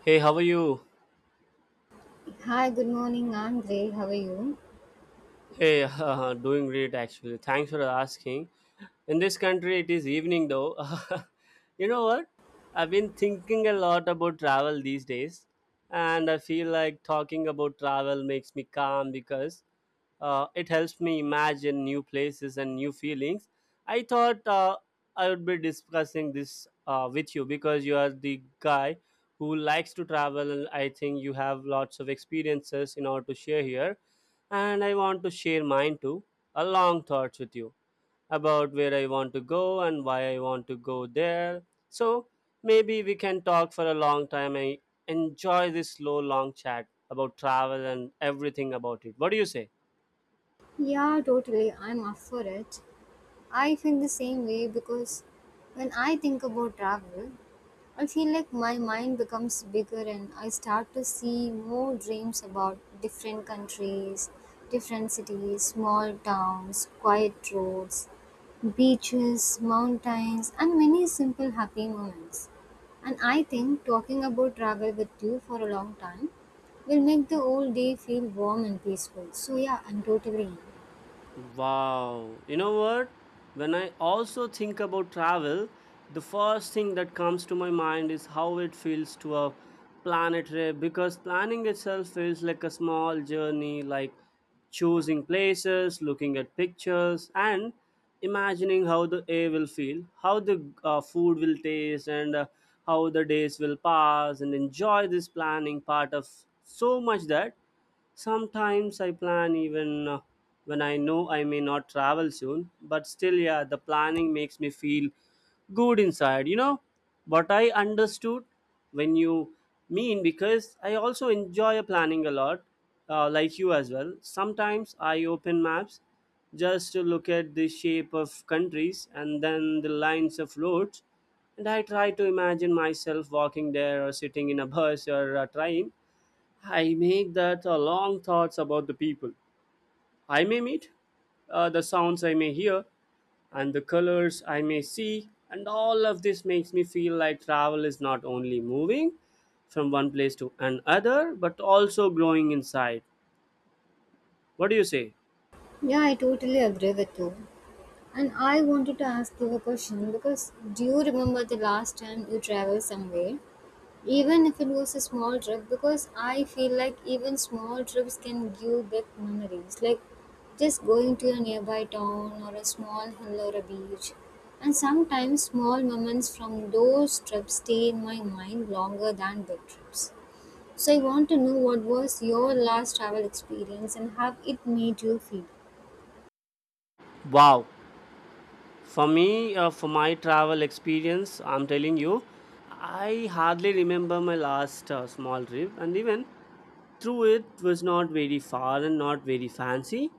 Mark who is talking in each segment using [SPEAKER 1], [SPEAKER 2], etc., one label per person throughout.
[SPEAKER 1] Hey, how are you?
[SPEAKER 2] Hi, good morning. I'm great. How are you?
[SPEAKER 1] Hey, doing great actually. Thanks for asking. In this country, it is evening though. You know what? I've been thinking a lot about travel these days, and I feel like talking about travel makes me calm because it helps me imagine new places and new feelings. I thought I would be discussing this with you because you are the guy who likes to travel. And I think you have lots of experiences in order to share here. And I want to share mine too. A long thoughts with you about where I want to go and why I want to go there. So maybe we can talk for a long time. I enjoy this slow, long chat about travel and everything about it. What do you say?
[SPEAKER 2] Yeah, totally. I'm up for it. I feel the same way because when I think about travel, I feel like my mind becomes bigger and I start to see more dreams about different countries, different cities, small towns, quiet roads, beaches, mountains, and many simple happy moments. And I think talking about travel with you for a long time will make the whole day feel warm and peaceful. So, yeah, I'm totally in.
[SPEAKER 1] Wow. You know what? When I also think about travel, the first thing that comes to my mind is how it feels to a planetary, because planning itself feels like a small journey, like choosing places, looking at pictures, and imagining how the air will feel, how the food will taste, and how the days will pass, and enjoy this planning part of so much that sometimes I plan even when I know I may not travel soon, but still, yeah, the planning makes me feel good inside. You know what I understood when you mean, because I also enjoy planning a lot, like you as well. Sometimes I open maps just to look at the shape of countries and then the lines of roads, and I try to imagine myself walking there or sitting in a bus or a train. I make that long thoughts about the people I may meet, the sounds I may hear, and the colors I may see, and all of this makes me feel like travel is not only moving from one place to another, but also growing inside. What do you say?
[SPEAKER 2] Yeah, I totally agree with you. And I wanted to ask you a question because do you remember the last time you traveled somewhere? Even if it was a small trip, because I feel like even small trips can give big memories. Like just going to a nearby town or a small hill or a beach. And sometimes small moments from those trips stay in my mind longer than big trips. So I want to know what was your last travel experience and how it made you feel.
[SPEAKER 1] Wow. For me, for my travel experience, I'm telling you, I hardly remember my last small trip, and even through it was not very far and not very fancy.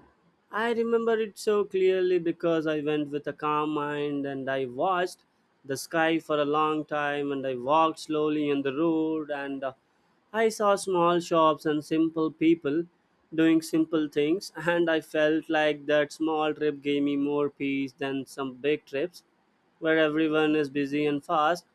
[SPEAKER 1] I remember it so clearly because I went with a calm mind, and I watched the sky for a long time, and I walked slowly on the road, and I saw small shops and simple people doing simple things, and I felt like that small trip gave me more peace than some big trips where everyone is busy and fast.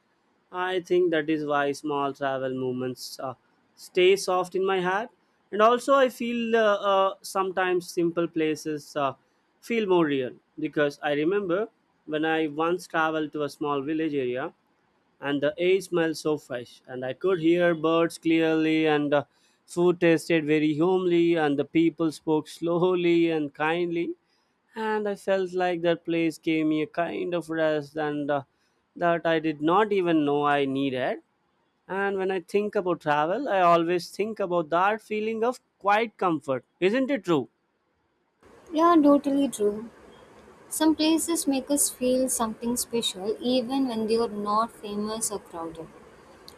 [SPEAKER 1] I think that is why small travel movements stay soft in my heart. And also, I feel sometimes simple places feel more real, because I remember when I once traveled to a small village area, and the air smelled so fresh, and I could hear birds clearly, and the food tasted very homely, and the people spoke slowly and kindly, and I felt like that place gave me a kind of rest and that I did not even know I needed. And when I think about travel, I always think about that feeling of quiet comfort. Isn't it true?
[SPEAKER 2] Yeah, totally true. Some places make us feel something special even when they are not famous or crowded.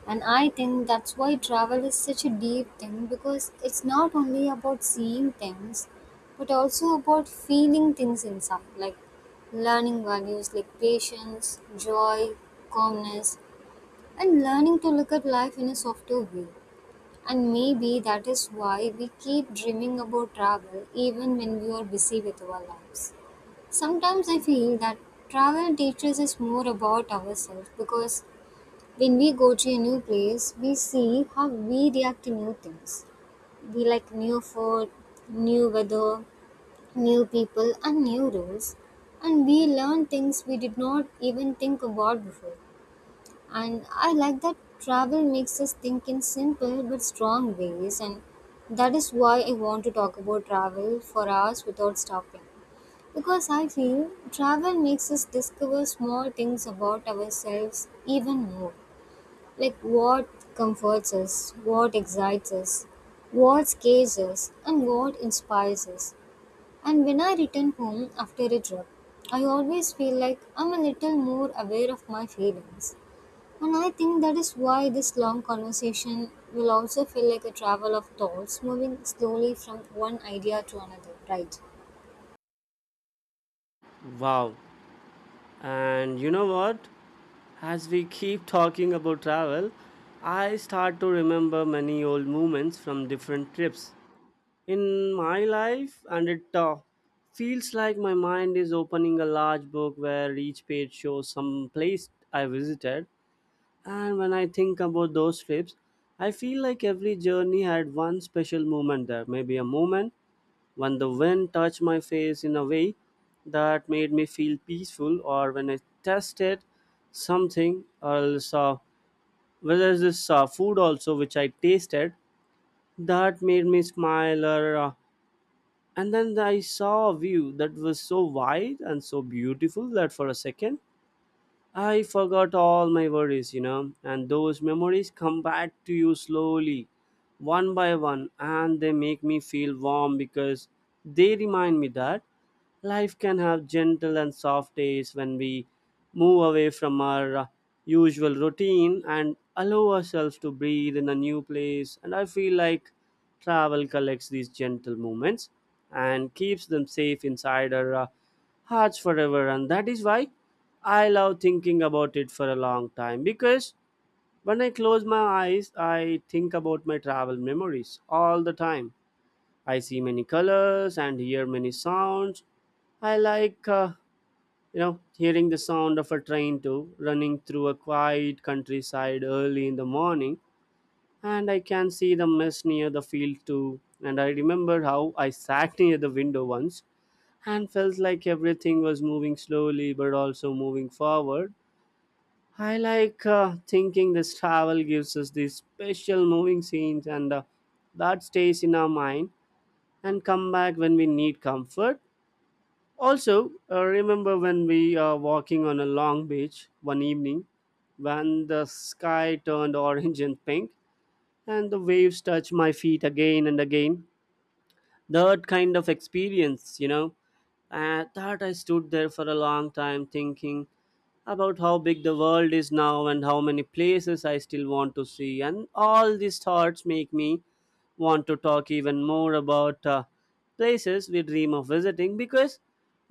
[SPEAKER 2] And I think that's why travel is such a deep thing because it's not only about seeing things but also about feeling things inside, like learning values like patience, joy, calmness, and learning to look at life in a softer way. And maybe that is why we keep dreaming about travel even when we are busy with our lives. Sometimes I feel that travel teaches us more about ourselves because when we go to a new place, we see how we react to new things. We like new food, new weather, new people, and new rules. And we learn things we did not even think about before. And I like that travel makes us think in simple but strong ways. And that is why I want to talk about travel for hours without stopping. Because I feel travel makes us discover small things about ourselves even more. Like what comforts us, what excites us, what scares us, and what inspires us. And when I return home after a trip, I always feel like I'm a little more aware of my feelings. And I think that is why this long conversation will also feel like a travel of thoughts moving slowly from one idea to another, right?
[SPEAKER 1] Wow, and you know what? As we keep talking about travel, I start to remember many old moments from different trips in my life, and it feels like my mind is opening a large book where each page shows some place I visited. And when I think about those trips, I feel like every journey had one special moment there, maybe a moment when the wind touched my face in a way that made me feel peaceful, or when I tasted something else, whether it's this food also which I tasted, that made me smile. Or, and then I saw a view that was so wide and so beautiful that for a second I forgot all my worries, you know, and those memories come back to you slowly, one by one, and they make me feel warm, because they remind me that life can have gentle and soft days when we move away from our usual routine and allow ourselves to breathe in a new place. And I feel like travel collects these gentle moments and keeps them safe inside our hearts forever, and that is why I love thinking about it for a long time, because when I close my eyes, I think about my travel memories all the time. I see many colors and hear many sounds. I like, hearing the sound of a train too, running through a quiet countryside early in the morning. And I can see the mist near the field too. And I remember how I sat near the window once and felt like everything was moving slowly but also moving forward. I like thinking this travel gives us these special moving scenes and that stays in our mind and come back when we need comfort. Also, remember when we are walking on a long beach one evening, when the sky turned orange and pink, and the waves touched my feet again and again, that kind of experience, and that I stood there for a long time thinking about how big the world is now and how many places I still want to see. And all these thoughts make me want to talk even more about places we dream of visiting, because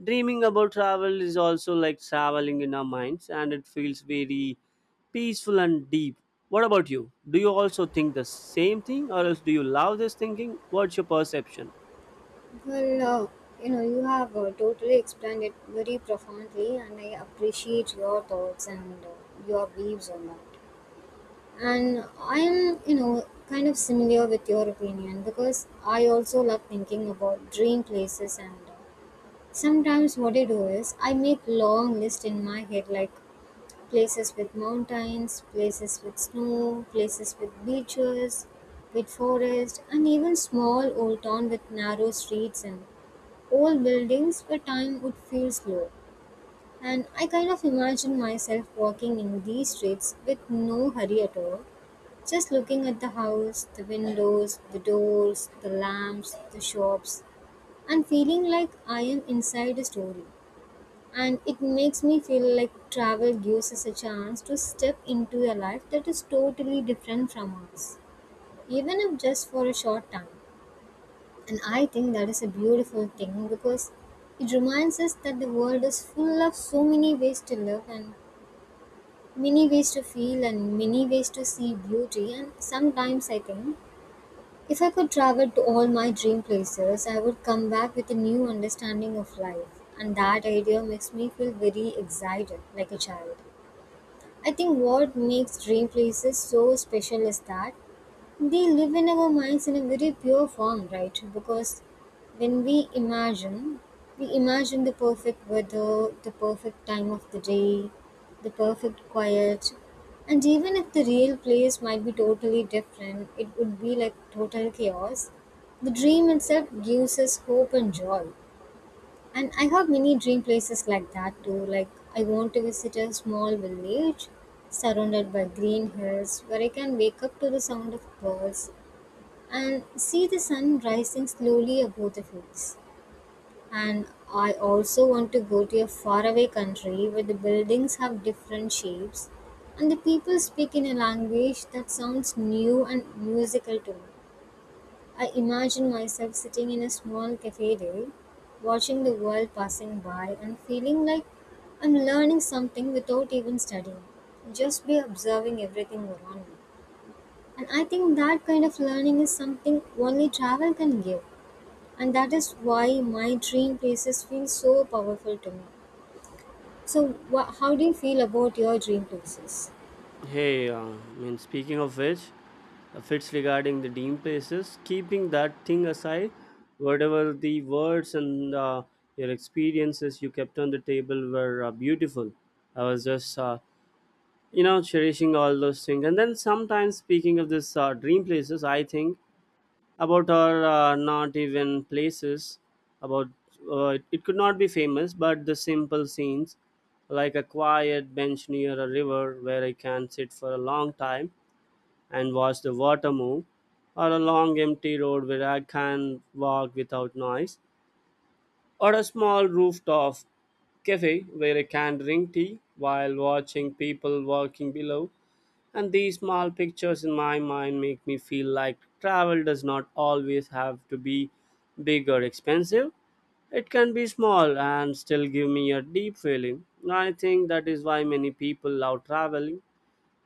[SPEAKER 1] dreaming about travel is also like traveling in our minds, and it feels very peaceful and deep. What about you? Do you also think the same thing, or else do you love this thinking? What's your perception?
[SPEAKER 2] Well, you know, you have totally explained it very profoundly, and I appreciate your thoughts and your views on that. And I am, you know, kind of similar with your opinion because I also love thinking about dream places. And sometimes what I do is I make long list in my head, like places with mountains, places with snow, places with beaches, with forest, and even small old town with narrow streets and old buildings where time would feel slow. And I kind of imagine myself walking in these streets with no hurry at all, just looking at the house, the windows, the doors, the lamps, the shops, and feeling like I am inside a story and it makes me feel like travel gives us a chance to step into a life that is totally different from ours, even if just for a short time. And I think that is a beautiful thing because it reminds us that the world is full of so many ways to live and many ways to feel and many ways to see beauty. And sometimes I think if I could travel to all my dream places, I would come back with a new understanding of life. And that idea makes me feel very excited, like a child. I think what makes dream places so special is that they live in our minds in a very pure form, right? Because when we imagine the perfect weather, the perfect time of the day, the perfect quiet. And even if the real place might be totally different, it would be like total chaos. The dream itself gives us hope and joy. And I have many dream places like that too. Like I want to visit a small village surrounded by green hills where I can wake up to the sound of birds and see the sun rising slowly above the fields. And I also want to go to a faraway country where the buildings have different shapes and the people speak in a language that sounds new and musical to me. I imagine myself sitting in a small cathedral, watching the world passing by and feeling like I'm learning something without even studying, just by observing everything around me. And I think that kind of learning is something only travel can give. And that is why my dream places feel so powerful to me. So, wha how do you feel about your dream places?
[SPEAKER 1] Hey, I mean, speaking of which, if it's regarding the dean places, keeping that thing aside, whatever the words and your experiences you kept on the table were beautiful. I was just cherishing all those things. And then sometimes, speaking of this dream places, I think about our not even places, about it could not be famous, but the simple scenes, like a quiet bench near a river where I can sit for a long time and watch the water move, or a long empty road where I can walk without noise, or a small rooftop cafe where I can drink tea while watching people walking below. And these small pictures in my mind make me feel like travel does not always have to be big or expensive. It can be small and still give me a deep feeling. I think that is why many people love traveling,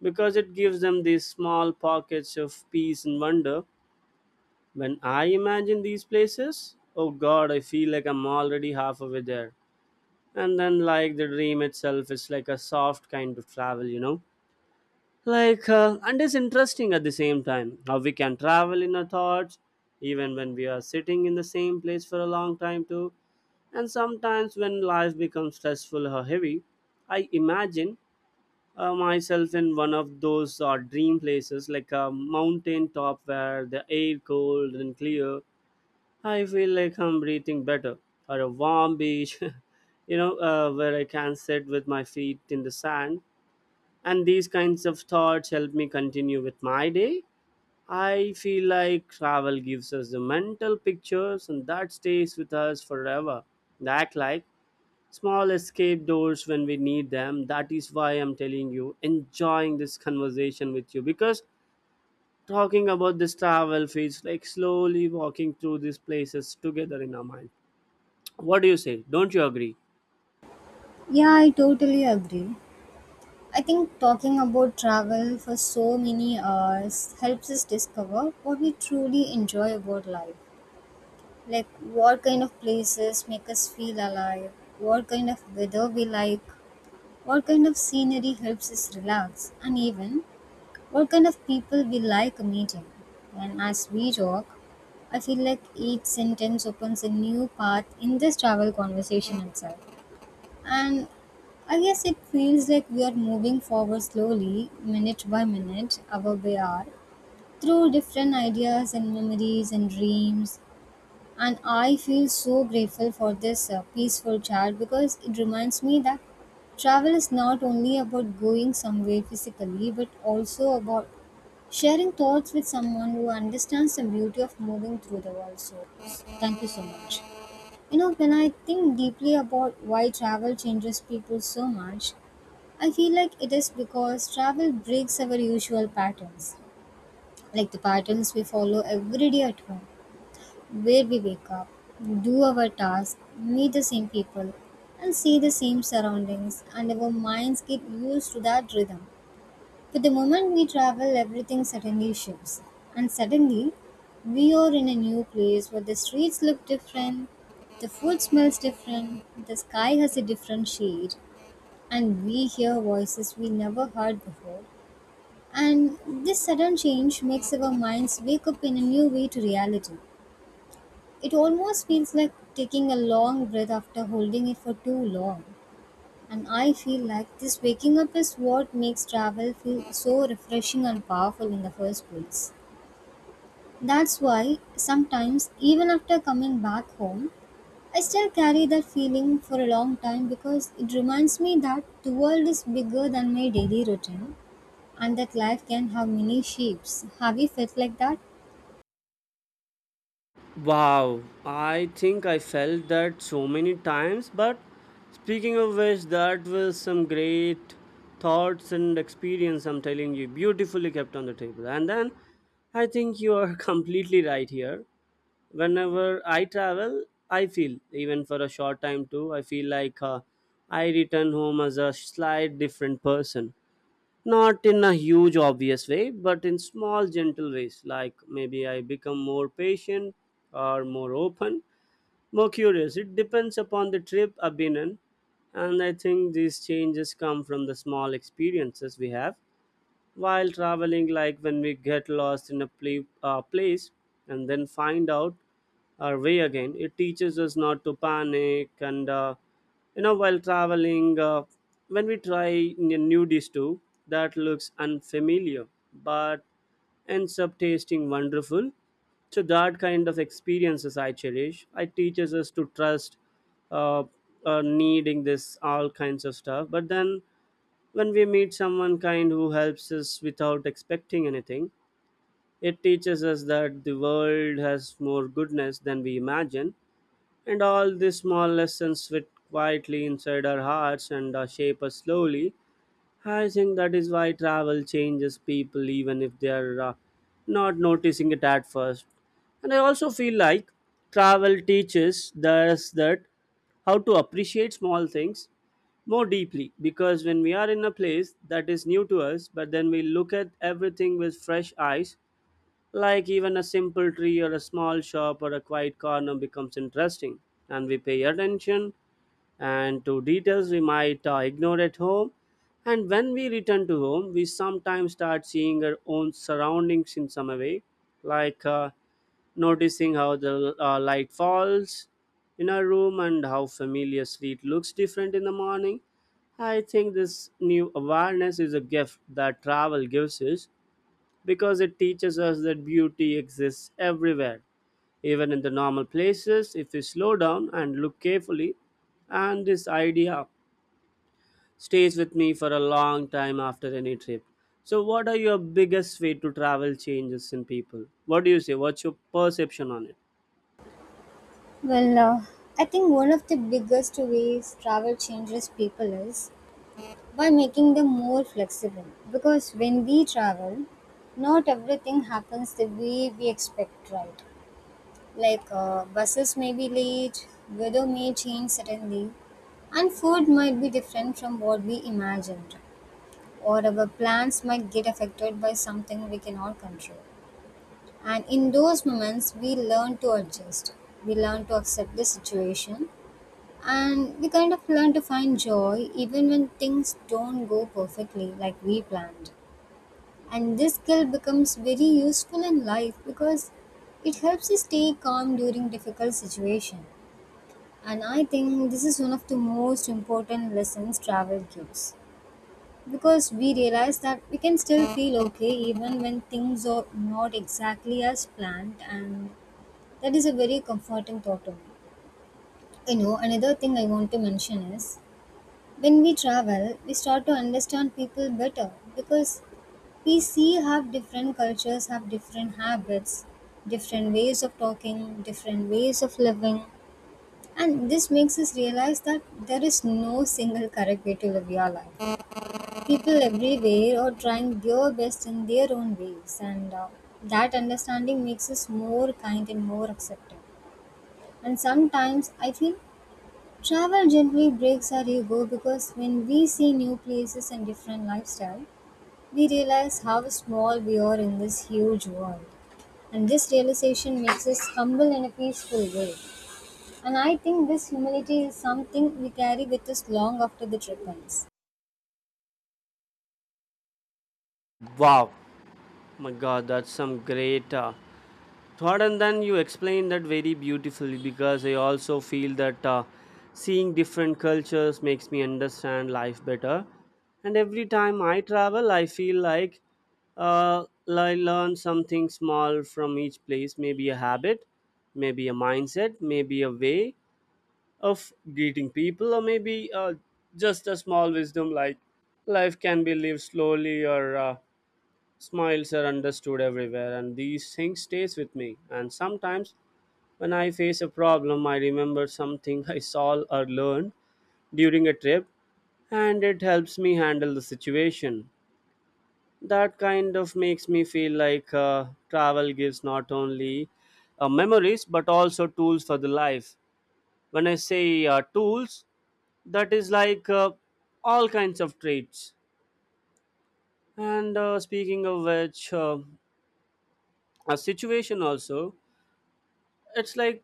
[SPEAKER 1] because it gives them these small pockets of peace and wonder. When I imagine these places, oh god, I feel like I'm already half over there. And then, like, the dream itself is like a soft kind of travel, you know? Like, and it's interesting at the same time how we can travel in our thoughts, even when we are sitting in the same place for a long time, too. And sometimes, when life becomes stressful or heavy, I imagine myself in one of those dream places, like a mountain top where the air cold and clear, I feel like I'm breathing better, or a warm beach, where I can sit with my feet in the sand. And these kinds of thoughts help me continue with my day. I feel like travel gives us the mental pictures, and that stays with us forever. That, like, small escape doors when we need them. That is why I'm telling you, enjoying this conversation with you, because talking about this travel feels like slowly walking through these places together in our mind. What do you say? Don't you agree?
[SPEAKER 2] Yeah, I totally agree. I think talking about travel for so many hours helps us discover what we truly enjoy about life. Like what kind of places make us feel alive, what kind of weather we like, what kind of scenery helps us relax, and even what kind of people we like meeting. And as we talk, I feel like each sentence opens a new path in this travel conversation itself. And I guess it feels like we are moving forward slowly, minute by minute, hour by hour, through different ideas and memories and dreams. And I feel so grateful for this peaceful chat because it reminds me that travel is not only about going somewhere physically but also about sharing thoughts with someone who understands the beauty of moving through the world. So, thank you so much. You know, when I think deeply about why travel changes people so much, I feel like it is because travel breaks our usual patterns, like the patterns we follow every day at home, where we wake up, do our tasks, meet the same people, and see the same surroundings, and our minds get used to that rhythm. But the moment we travel, everything suddenly shifts. And suddenly, we are in a new place where the streets look different, the food smells different, the sky has a different shade, and we hear voices we never heard before. And this sudden change makes our minds wake up in a new way to reality. It almost feels like taking a long breath after holding it for too long. And I feel like this waking up is what makes travel feel so refreshing and powerful in the first place. That's why sometimes, even after coming back home, I still carry that feeling for a long time because it reminds me that the world is bigger than my daily routine and that life can have many shapes. Have you felt like that?
[SPEAKER 1] Wow, I think I felt that so many times, but speaking of which, that was some great thoughts and experience, I'm telling you, beautifully kept on the table. And then I think you are completely right here. Whenever I travel, I feel, even for a short time too, I feel like I return home as a slight different person. Not in a huge obvious way but in small gentle ways, like maybe I become more patient or more open, more curious. It depends upon the trip I've been in. And I think these changes come from the small experiences we have while traveling, like when we get lost in a place and then find out our way again. It teaches us not to panic. And while traveling, when we try new dish too that looks unfamiliar but ends up tasting wonderful. So that kind of experiences I cherish. It teaches us to trust, uh, needing this all kinds of stuff. But then when we meet someone kind who helps us without expecting anything, it teaches us that the world has more goodness than we imagine, and all these small lessons fit quietly inside our hearts and shape us slowly. I think that is why travel changes people even if they are not noticing it at first. And I also feel like travel teaches us that how to appreciate small things more deeply, because when we are in a place that is new to us, but then we look at everything with fresh eyes, like even a simple tree or a small shop or a quiet corner becomes interesting, and we pay attention and to details we might ignore at home. And when we return to home, we sometimes start seeing our own surroundings in some way, like noticing how the light falls in our room and how familiar street looks different in the morning. I think this new awareness is a gift that travel gives us, because it teaches us that beauty exists everywhere, even in the normal places, if we slow down and look carefully. And this idea stays with me for a long time after any trip. So, what are your biggest way to travel changes in people? What do you say? What's your perception on it?
[SPEAKER 2] Well, I think one of the biggest ways travel changes people is by making them more flexible. Because when we travel, not everything happens the way we expect, right? Like buses may be late, weather may change suddenly, and food might be different from what we imagined, or our plans might get affected by something we cannot control. And in those moments, we learn to adjust, we learn to accept the situation and we kind of learn to find joy even when things don't go perfectly like we planned. And this skill becomes very useful in life because it helps us stay calm during difficult situations. And I think this is one of the most important lessons travel gives. Because we realize that we can still feel okay even when things are not exactly as planned, and that is a very comforting thought to me. You know, another thing I want to mention is when we travel, we start to understand people better because we see have different cultures, have different habits, different ways of talking, different ways of living. And this makes us realize that there is no single correct way to live your life. People everywhere are trying their best in their own ways, and that understanding makes us more kind and more accepting. And sometimes I feel travel generally breaks our ego because when we see new places and different lifestyle, we realize how small we are in this huge world. And this realization makes us humble in a peaceful way. And I think this humility is something we carry with us long after the trip ends.
[SPEAKER 1] Wow, my God, that's some great thought. And then you explained that very beautifully, because I also feel that seeing different cultures makes me understand life better. And every time I travel, I feel like I learn something small from each place, maybe a habit, maybe a mindset, maybe a way of greeting people, or maybe just a small wisdom, like life can be lived slowly, or smiles are understood everywhere, and these things stays with me. And sometimes, when I face a problem, I remember something I saw or learned during a trip, and it helps me handle the situation. That kind of makes me feel like travel gives not only memories but also tools for the life. When I say tools, that is like all kinds of traits. And speaking of which, a situation also. It's like,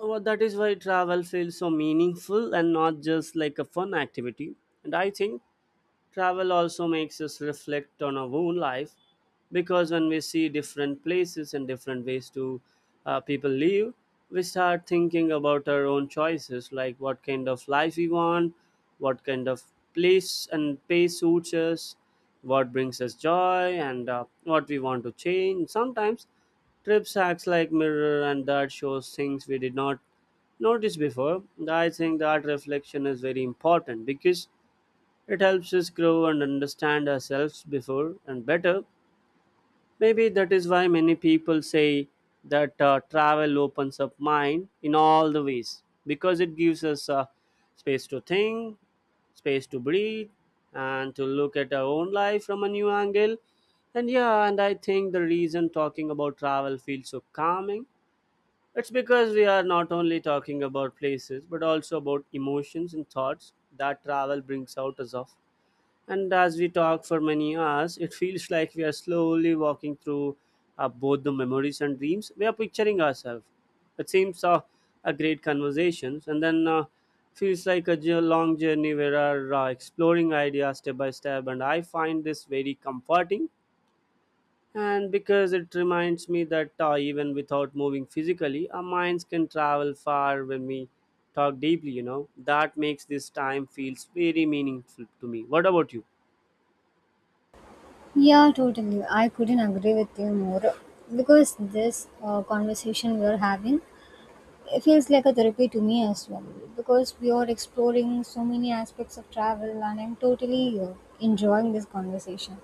[SPEAKER 1] well, that is why travel feels so meaningful and not just like a fun activity. And I think travel also makes us reflect on our own life, because when we see different places and different ways to people live, we start thinking about our own choices, like what kind of life we want, what kind of place and pace suits us, what brings us joy, and what we want to change. Sometimes trips acts like mirror, and that shows things we did not notice before. I think that reflection is very important, because it helps us grow and understand ourselves before and better. Maybe that is why many people say that travel opens up mind in all the ways, because it gives us space to think, space to breathe, and to look at our own life from a new angle. And yeah, and I think the reason talking about travel feels so calming, it's because we are not only talking about places but also about emotions and thoughts that travel brings out us of. And as we talk for many hours, it feels like we are slowly walking through both the memories and dreams we are picturing ourselves. It seems a great conversations, and then feels like a long journey where we are exploring ideas step by step. And I find this very comforting, and because it reminds me that even without moving physically, our minds can travel far when we talk deeply. You know that makes this time feels very meaningful to me. What about you?
[SPEAKER 2] Yeah, totally. I couldn't agree with you more because this conversation we're having, it feels like a therapy to me as well because we are exploring so many aspects of travel and I'm totally enjoying this conversation.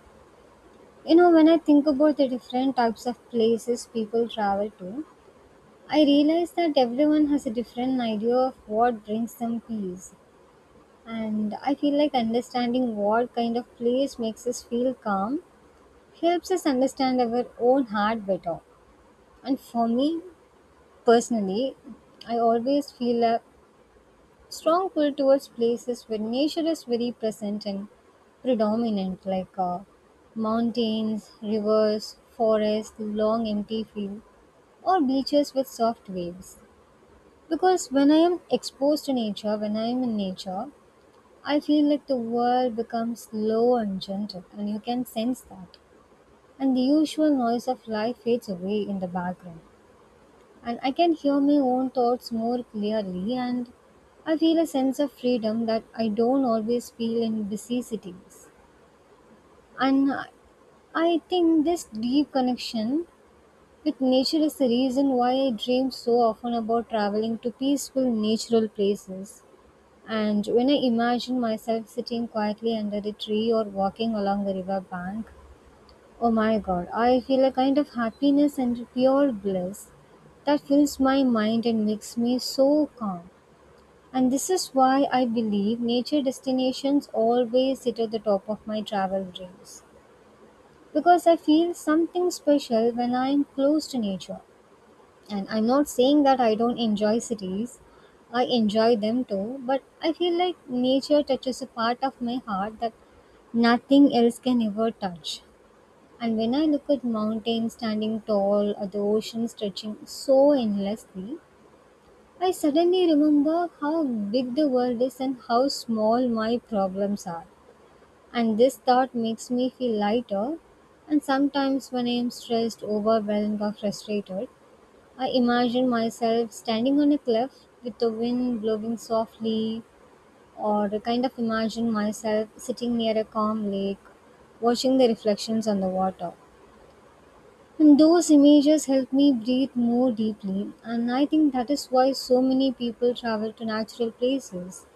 [SPEAKER 2] You know, when I think about the different types of places people travel to, I realize that everyone has a different idea of what brings them peace. And I feel like understanding what kind of place makes us feel calm helps us understand our own heart better. And for me personally, I always feel a strong pull towards places where nature is very present and predominant, like mountains, rivers, forests, long empty fields, or beaches with soft waves. Because when I am exposed to nature, when I am in nature, I feel like the world becomes slow and gentle, and you can sense that. And the usual noise of life fades away in the background and I can hear my own thoughts more clearly and I feel a sense of freedom that I don't always feel in busy cities. And I think this deep connection with nature is the reason why I dream so often about traveling to peaceful natural places. And when I imagine myself sitting quietly under a tree or walking along a river bank, oh my god, I feel a kind of happiness and pure bliss that fills my mind and makes me so calm. And this is why I believe nature destinations always sit at the top of my travel dreams. Because I feel something special when I am close to nature. And I'm not saying that I don't enjoy cities, I enjoy them too, but I feel like nature touches a part of my heart that nothing else can ever touch. And when I look at mountains standing tall, or the ocean stretching so endlessly, I suddenly remember how big the world is and how small my problems are. And this thought makes me feel lighter. And sometimes, when I am stressed, overwhelmed, or frustrated, I imagine myself standing on a cliff with the wind blowing softly, or I kind of imagine myself sitting near a calm lake, watching the reflections on the water. And those images help me breathe more deeply. And I think that is why so many people travel to natural places.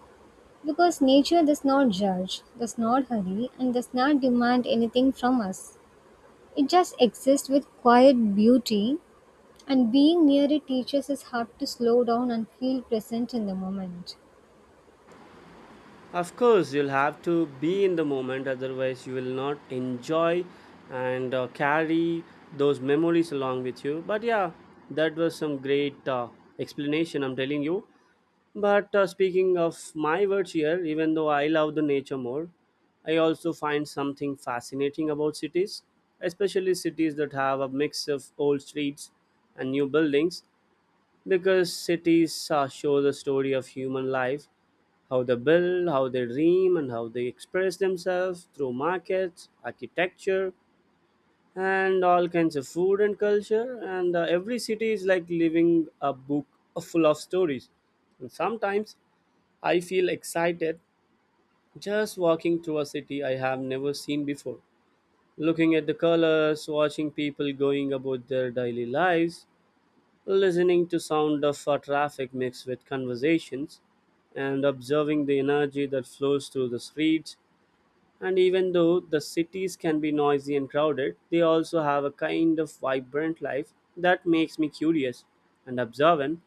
[SPEAKER 2] Because nature does not judge, does not hurry, and does not demand anything from us. It just exists with quiet beauty, and being near it teaches us how to slow down and feel present in the moment.
[SPEAKER 1] Of course, you'll have to be in the moment, otherwise, you will not enjoy and carry those memories along with you. But yeah, that was some great explanation, I'm telling you. But speaking of my words here, even though I love the nature more, I also find something fascinating about cities, especially cities that have a mix of old streets and new buildings, because cities show the story of human life, how they build, how they dream, and how they express themselves through markets, architecture, and all kinds of food and culture. And every city is like living a book full of stories. And sometimes I feel excited just walking through a city I have never seen before, looking at the colors, watching people going about their daily lives, listening to sound of traffic mixed with conversations, and observing the energy that flows through the streets. And even though the cities can be noisy and crowded, they also have a kind of vibrant life that makes me curious and observant.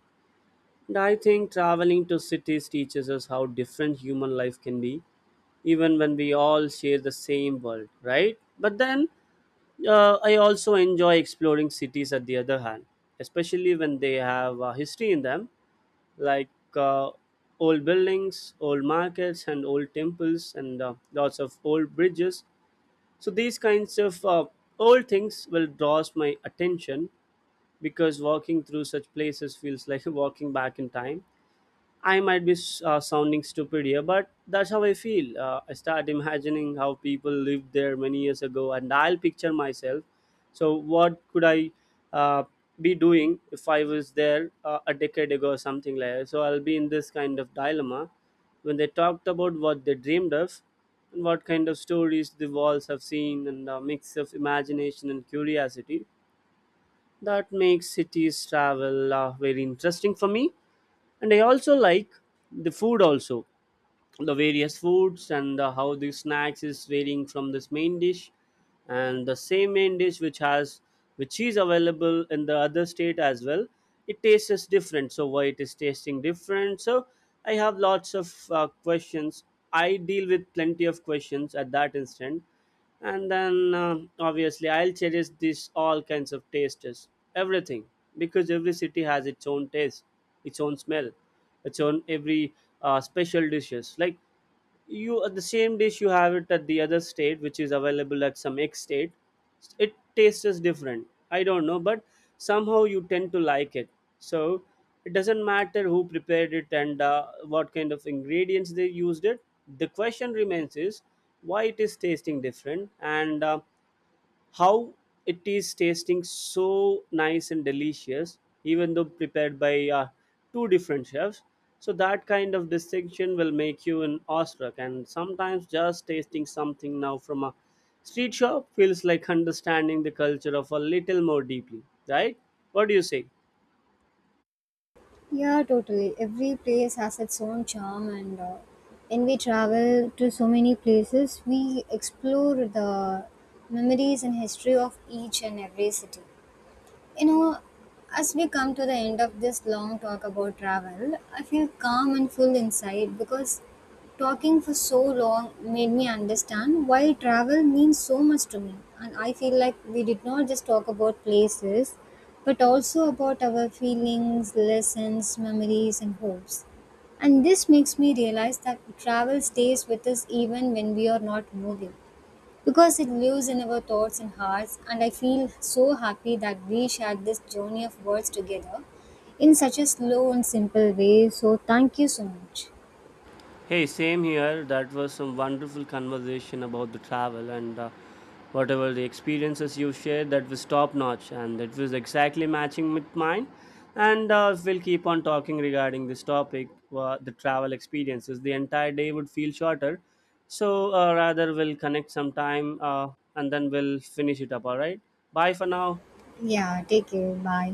[SPEAKER 1] And I think traveling to cities teaches us how different human life can be even when we all share the same world, right? But then I also enjoy exploring cities at the other hand, especially when they have history in them, like, uh, old buildings, old markets, and old temples, and lots of old bridges. So, these kinds of old things will draws my attention, because walking through such places feels like walking back in time. I might be sounding stupid here, but that's how I feel. I start imagining how people lived there many years ago, and I'll picture myself. So, what could I uh, be doing if I was there a decade ago or something like that? So, I'll be in this kind of dilemma when they talked about what they dreamed of and what kind of stories the walls have seen, and a mix of imagination and curiosity that makes cities travel very interesting for me. And I also like the food also, the various foods, and how the snacks is varying from this main dish, and the same main dish which has which is available in the other state as well, it tastes different. So why it is tasting different? So I have lots of questions. I deal with plenty of questions at that instant. And then obviously I'll cherish these all kinds of tastes, everything, because every city has its own taste, its own smell, its own every special dishes. Like, you the same dish you have it at the other state which is available at some x state, it tastes just different. I don't know, but somehow you tend to like it. So, it doesn't matter who prepared it and what kind of ingredients they used it. The question remains is why it is tasting different, and how it is tasting so nice and delicious, even though prepared by two different chefs. So that kind of distinction will make you an awestruck. And sometimes just tasting something now from a street shop feels like understanding the culture of a little more deeply, right? What do you say?
[SPEAKER 2] Yeah, totally. Every place has its own charm, and when we travel to so many places, we explore the memories and history of each and every city. You know, as we come to the end of this long talk about travel, I feel calm and full inside because talking for so long made me understand why travel means so much to me. And I feel like we did not just talk about places, but also about our feelings, lessons, memories, and hopes. And this makes me realize that travel stays with us even when we are not moving because it lives in our thoughts and hearts and I feel so happy that we shared this journey of words together in such a slow and simple way. So thank you so much.
[SPEAKER 1] Hey, same here. That was some wonderful conversation about the travel and whatever the experiences you shared. That was top notch, and it was exactly matching with mine. And we'll keep on talking regarding this topic, the travel experiences. The entire day would feel shorter, so rather we'll connect sometime and then we'll finish it up. All right. Bye for now.
[SPEAKER 2] Yeah, take care. Bye.